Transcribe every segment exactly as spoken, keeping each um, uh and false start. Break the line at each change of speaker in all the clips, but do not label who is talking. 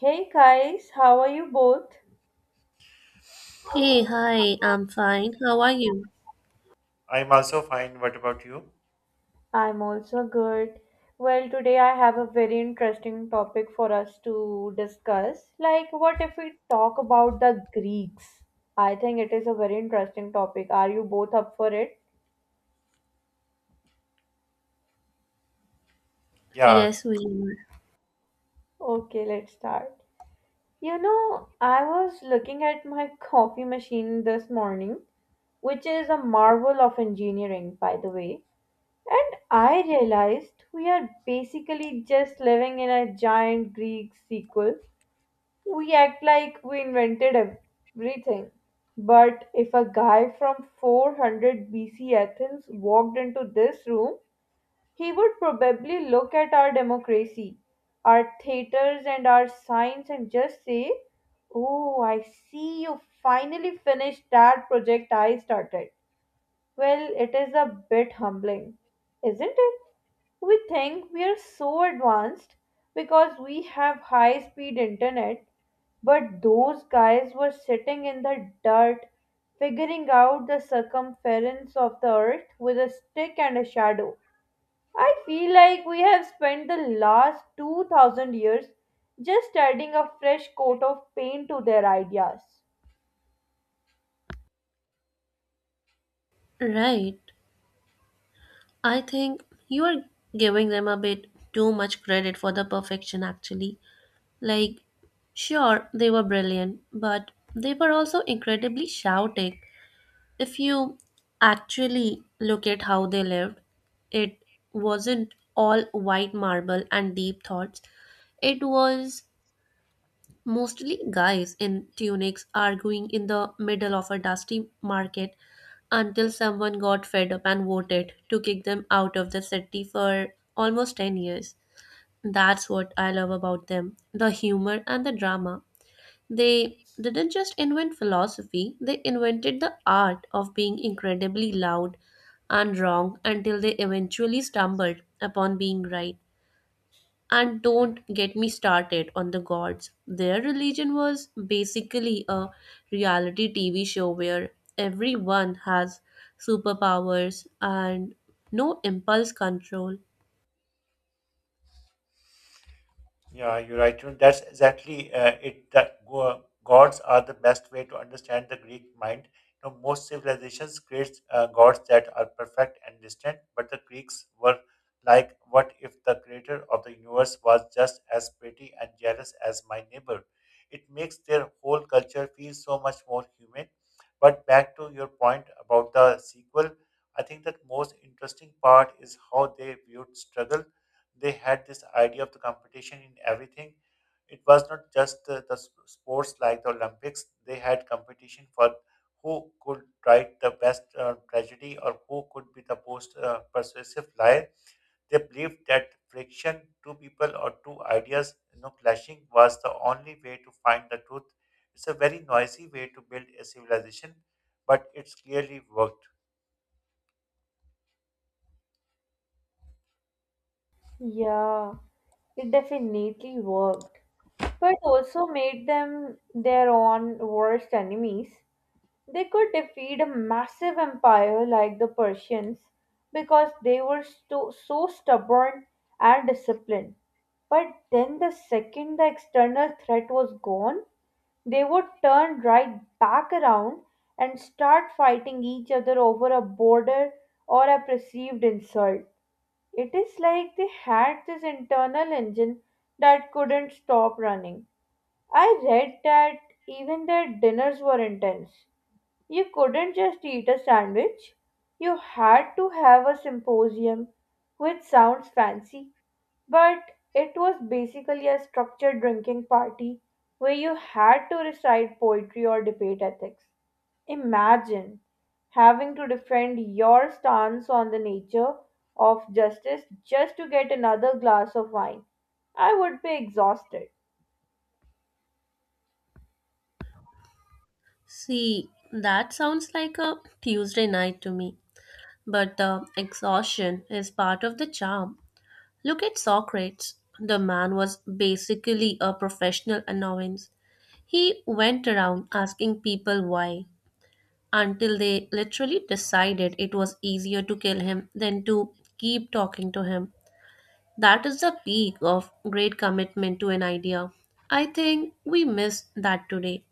Hey guys, how are you both?
Hey, hi, I'm fine. How are you?
I'm also fine. What about you?
I'm also good. Well, today I have a very interesting topic for us to discuss. Like, what if we talk about the Greeks? I think it is a very interesting topic. Are you both up for it?
Yeah,
Yes, we are.
Okay, let's start. You know, I was looking at my coffee machine this morning, which is a marvel of engineering, by the way. And I realized we are basically just living in a giant Greek sequel. We act like we invented everything. But if a guy from four hundred B C Athens walked into this room, he would probably look at our democracy, our theaters, and our signs and just say, "Oh, I see you finally finished that project I started." Well, it is a bit humbling, isn't it? We think we are so advanced because we have high speed internet, but those guys were sitting in the dirt figuring out the circumference of the earth with a stick and a shadow. I feel like we have spent the last two thousand years just adding a fresh coat of paint to their ideas.
Right. I think you are giving them a bit too much credit for the perfection, actually. Like, sure, they were brilliant, but they were also incredibly shouting. If you actually look at how they lived, it wasn't all white marble and deep thoughts. It was mostly guys in tunics arguing in the middle of a dusty market until someone got fed up and voted to kick them out of the city for almost ten years. That's what I love about them, the humor and the drama. They didn't just invent philosophy, they invented the art of being incredibly loud and wrong until they eventually stumbled upon being right. And don't get me started on the gods. Their religion was basically a reality T V show where everyone has superpowers and no impulse control.
yeah, you're right. You know, that's exactly uh, it. That go- gods are the best way to understand the Greek mind. You know, most civilizations create uh, gods that are perfect and distant, but the Greeks were like, "What if the creator of the universe was just as pretty and jealous as my neighbor?" It makes their whole culture feel so much more human. But back to your point about the sequel, I think that most interesting part is how they viewed struggle. They had this idea of the competition in everything. It was not just the, the s- sports like the Olympics. They had competition for who could write the best uh, tragedy or who could be the most uh, persuasive liar. They believed that friction, two people or two ideas, you know, clashing was the only way to find the truth. It's a very noisy way to build a civilization, but it's clearly worked.
Yeah, it definitely worked, but also made them their own worst enemies. They could defeat a massive empire like the Persians because they were sto- so stubborn and disciplined. But then, the second the external threat was gone, they would turn right back around and start fighting each other over a border or a perceived insult. It is like they had this internal engine that couldn't stop running. I read that even their dinners were intense. You couldn't just eat a sandwich. You had to have a symposium, which sounds fancy, but it was basically a structured drinking party where you had to recite poetry or debate ethics. Imagine having to defend your stance on the nature of justice just to get another glass of wine. I would be exhausted.
See, that sounds like a Tuesday night to me, but the exhaustion is part of the charm. Look at Socrates. The man was basically a professional annoyance. He went around asking people why until they literally decided it was easier to kill him than to keep talking to him. That is the peak of great commitment to an idea. I think we miss that today.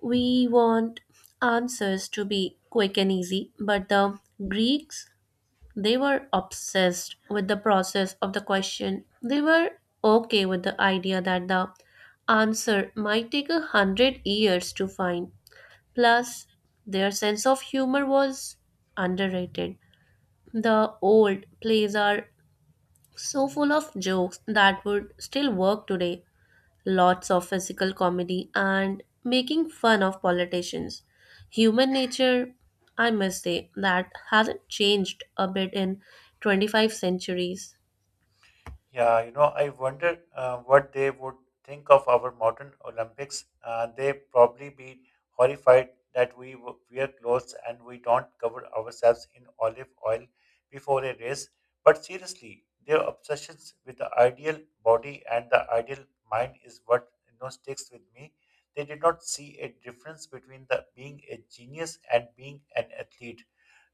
We want answers to be quick and easy, but the Greeks, they were obsessed with the process of the question. They were okay with the idea that the answer might take a hundred years to find. Plus, their sense of humor was underrated. The old plays are so full of jokes that would still work today. Lots of physical comedy and making fun of politicians. Human nature, I must say, that hasn't changed a bit in twenty-five centuries.
Yeah, you know, I wonder uh, what they would think of our modern Olympics. Uh, they probably be horrified that we w- wear clothes and we don't cover ourselves in olive oil before a race. But seriously, their obsessions with the ideal body and the ideal mind is what you know sticks with me. They did not see a difference between the being a genius and being an athlete.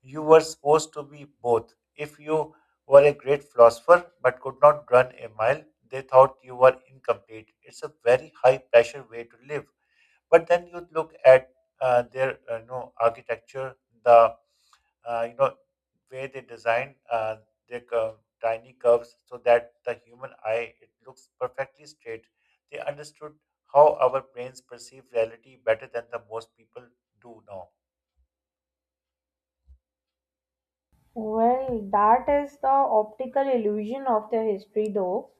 You were supposed to be both. If you who are a great philosopher but could not run a mile. They thought you were incomplete. It's a very high pressure way to live. But then you look at uh, their uh, you know architecture, the uh, you know way they design uh, their cur- tiny curves so that the human eye it looks perfectly straight. They understood how our brains perceive reality better than the most people do now.
Well, that is the optical illusion of their history, though.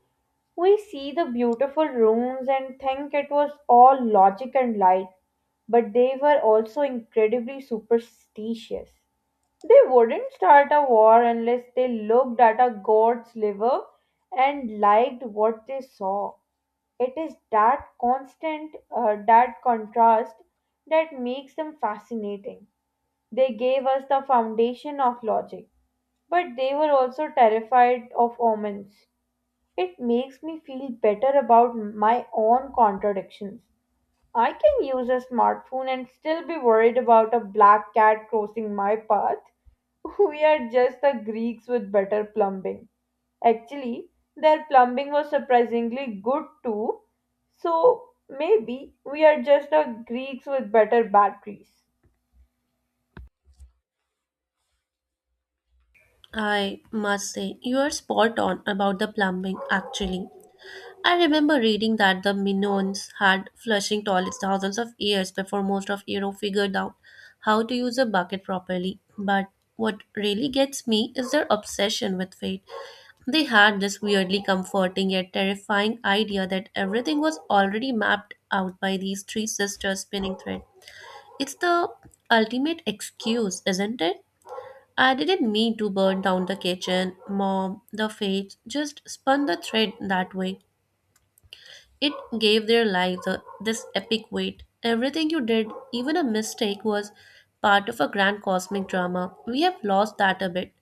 We see the beautiful rooms and think it was all logic and light, but they were also incredibly superstitious. They wouldn't start a war unless they looked at a god's liver and liked what they saw. It is that constant, uh, that contrast that makes them fascinating. They gave us the foundation of logic, but they were also terrified of omens. It makes me feel better about my own contradictions. I can use a smartphone and still be worried about a black cat crossing my path. We are just the Greeks with better plumbing. Actually, their plumbing was surprisingly good too. So maybe we are just the Greeks with better batteries.
I must say, you are spot on about the plumbing, actually. I remember reading that the Minoans had flushing toilets thousands of years before most of Europe figured out how to use a bucket properly. But what really gets me is their obsession with fate. They had this weirdly comforting yet terrifying idea that everything was already mapped out by these three sisters spinning thread. It's the ultimate excuse, isn't it? I didn't mean to burn down the kitchen, mom, the fates just spun the thread that way. It gave their lives a, this epic weight. Everything you did, even a mistake, was part of a grand cosmic drama. We have lost that a bit.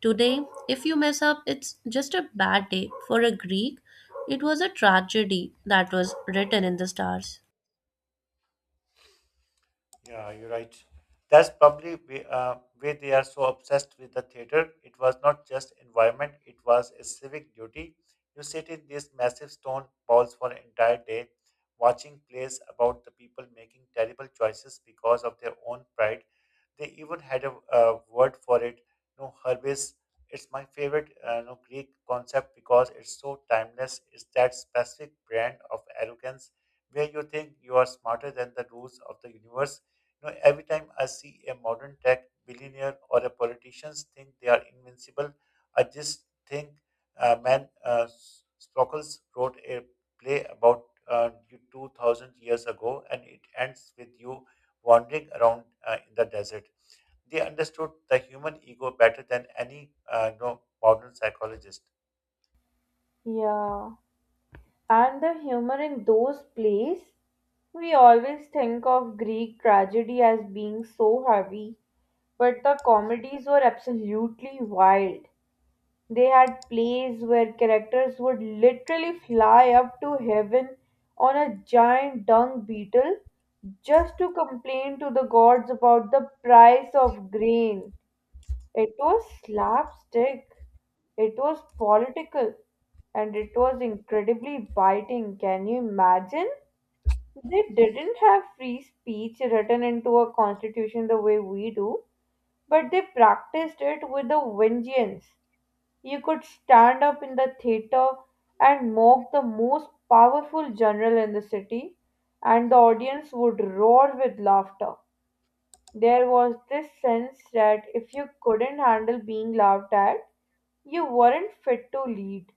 Today, if you mess up, it's just a bad day. For a Greek, it was a tragedy that was written in the stars.
Yeah, you're right. That's probably we, uh, why they are so obsessed with the theater. It was not just environment; it was a civic duty. You sit in these massive stone balls for an entire day, watching plays about the people making terrible choices because of their own pride. They even had a, uh word for it, no herbis. It's my favorite uh, no, Greek concept because it's so timeless. It's that specific brand of arrogance where you think you are smarter than the rules of the universe. You know, every time I see a modern tech billionaire or a politicians think they are invincible, I just think uh, man uh, S- Sprockles wrote a play about uh, you two thousand years ago and it ends with you wandering around uh, in the desert. They understood the human ego better than any uh, you know, modern psychologist.
Yeah. And the humor in those plays. We always think of Greek tragedy as being so heavy, but the comedies were absolutely wild. They had plays where characters would literally fly up to heaven on a giant dung beetle just to complain to the gods about the price of grain. It was slapstick, it was political, and it was incredibly biting. Can you imagine? They didn't have free speech written into a constitution the way we do, but they practiced it with a vengeance. You could stand up in the theater and mock the most powerful general in the city, and the audience would roar with laughter. There was this sense that if you couldn't handle being laughed at, you weren't fit to lead.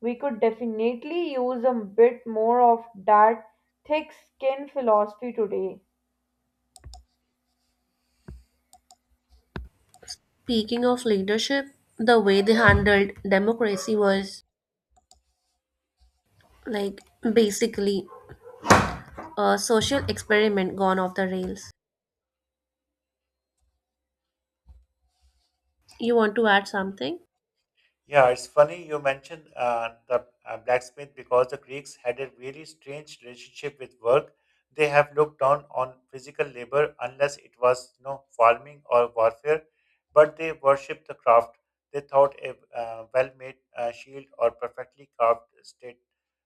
We could definitely use a bit more of that thick skin philosophy today.
Speaking of leadership, the way they handled democracy was like basically a social experiment gone off the rails. You want to add something?
Yeah, it's funny you mentioned uh, the uh, blacksmith because the Greeks had a really strange relationship with work. They have looked down on physical labor unless it was you know, farming or warfare, but they worshipped the craft. They thought a uh, well-made uh, shield or perfectly carved state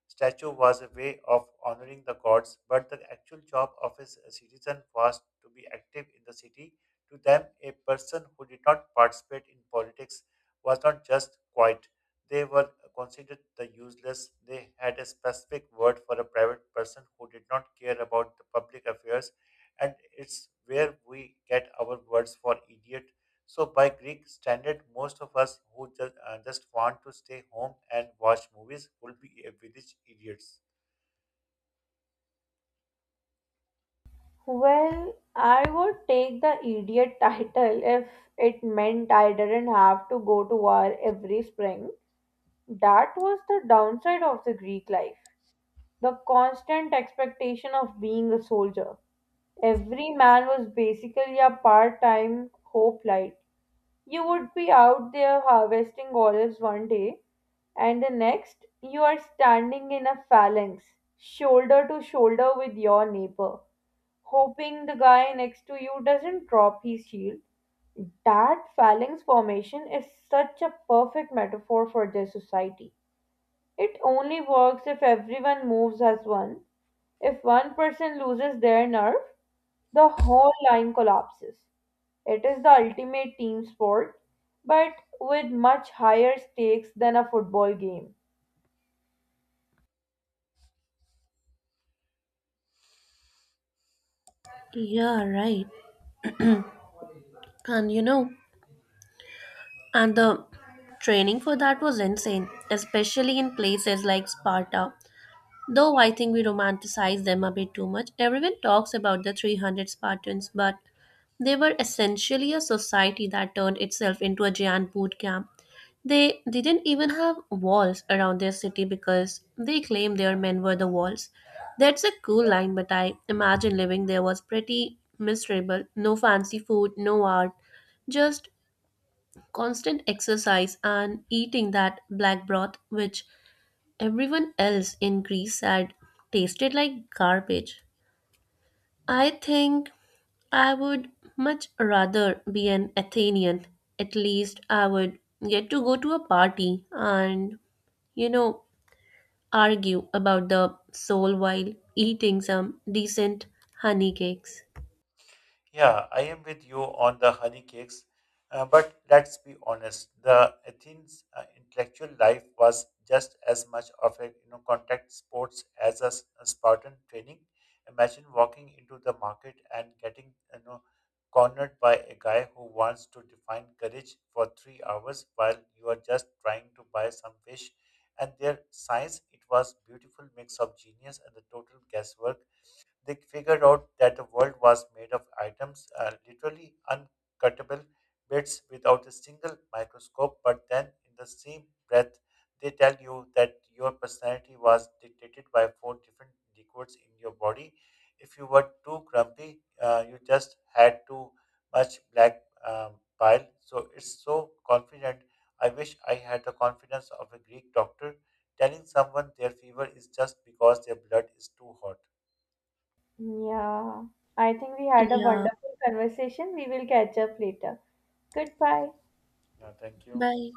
statue was a way of honoring the gods, but the actual job of a c- citizen was to be active in the city. To them, a person who did not participate in politics was not just quiet. They were considered the useless. They had a specific word for a private person who did not care about the public affairs, and it's where we get our words for idiot. So, by Greek standard, most of us who just, uh, just want to stay home and watch movies will be a village idiots.
Well, I would take the idiot title if it meant I didn't have to go to war every spring. That was the downside of the Greek life, the constant expectation of being a soldier. Every man was basically a part time hope light. You would be out there harvesting olives one day, and the next, you are standing in a phalanx, shoulder to shoulder with your neighbor, hoping the guy next to you doesn't drop his shield. That phalanx formation is such a perfect metaphor for their society. It only works if everyone moves as one. If one person loses their nerve, the whole line collapses. It is the ultimate team sport, but with much higher stakes than a football game.
Yeah, right. And you know, And the training for that was insane, especially in places like Sparta. Though I think we romanticize them a bit too much, everyone talks about the three hundred Spartans, but they were essentially a society that turned itself into a giant boot camp. They didn't even have walls around their city because they claimed their men were the walls. That's a cool line, but I imagine living there was pretty miserable. No fancy food, no art, just constant exercise and eating that black broth, which everyone else in Greece had tasted like garbage. I think I would much rather be an Athenian. At least I would get to go to a party and, you know, argue about the soul while eating some decent honey cakes.
Yeah, I am with you on the honey cakes, uh, but let's be honest. The Athens uh, intellectual life was just as much of a you know contact sports as a, s- a Spartan training. Imagine walking into the market and getting you know cornered by a guy who wants to define courage for three hours while you are just trying to buy some fish. And their science, it was beautiful mix of genius and the total guesswork. They figured out that the world was made of atoms, uh, literally uncuttable bits without a single microscope. But then, in the same breath, they tell you that your personality was dictated by four different liquids in your body. If you were too grumpy, uh, you just had too much black um, bile. So it's so confident. I wish I had the confidence of a Greek doctor telling someone their fever is just because their blood is too hot.
Yeah, I think we had a
Yeah,
wonderful conversation. We will catch up later. Goodbye.
Yeah, thank you.
bye.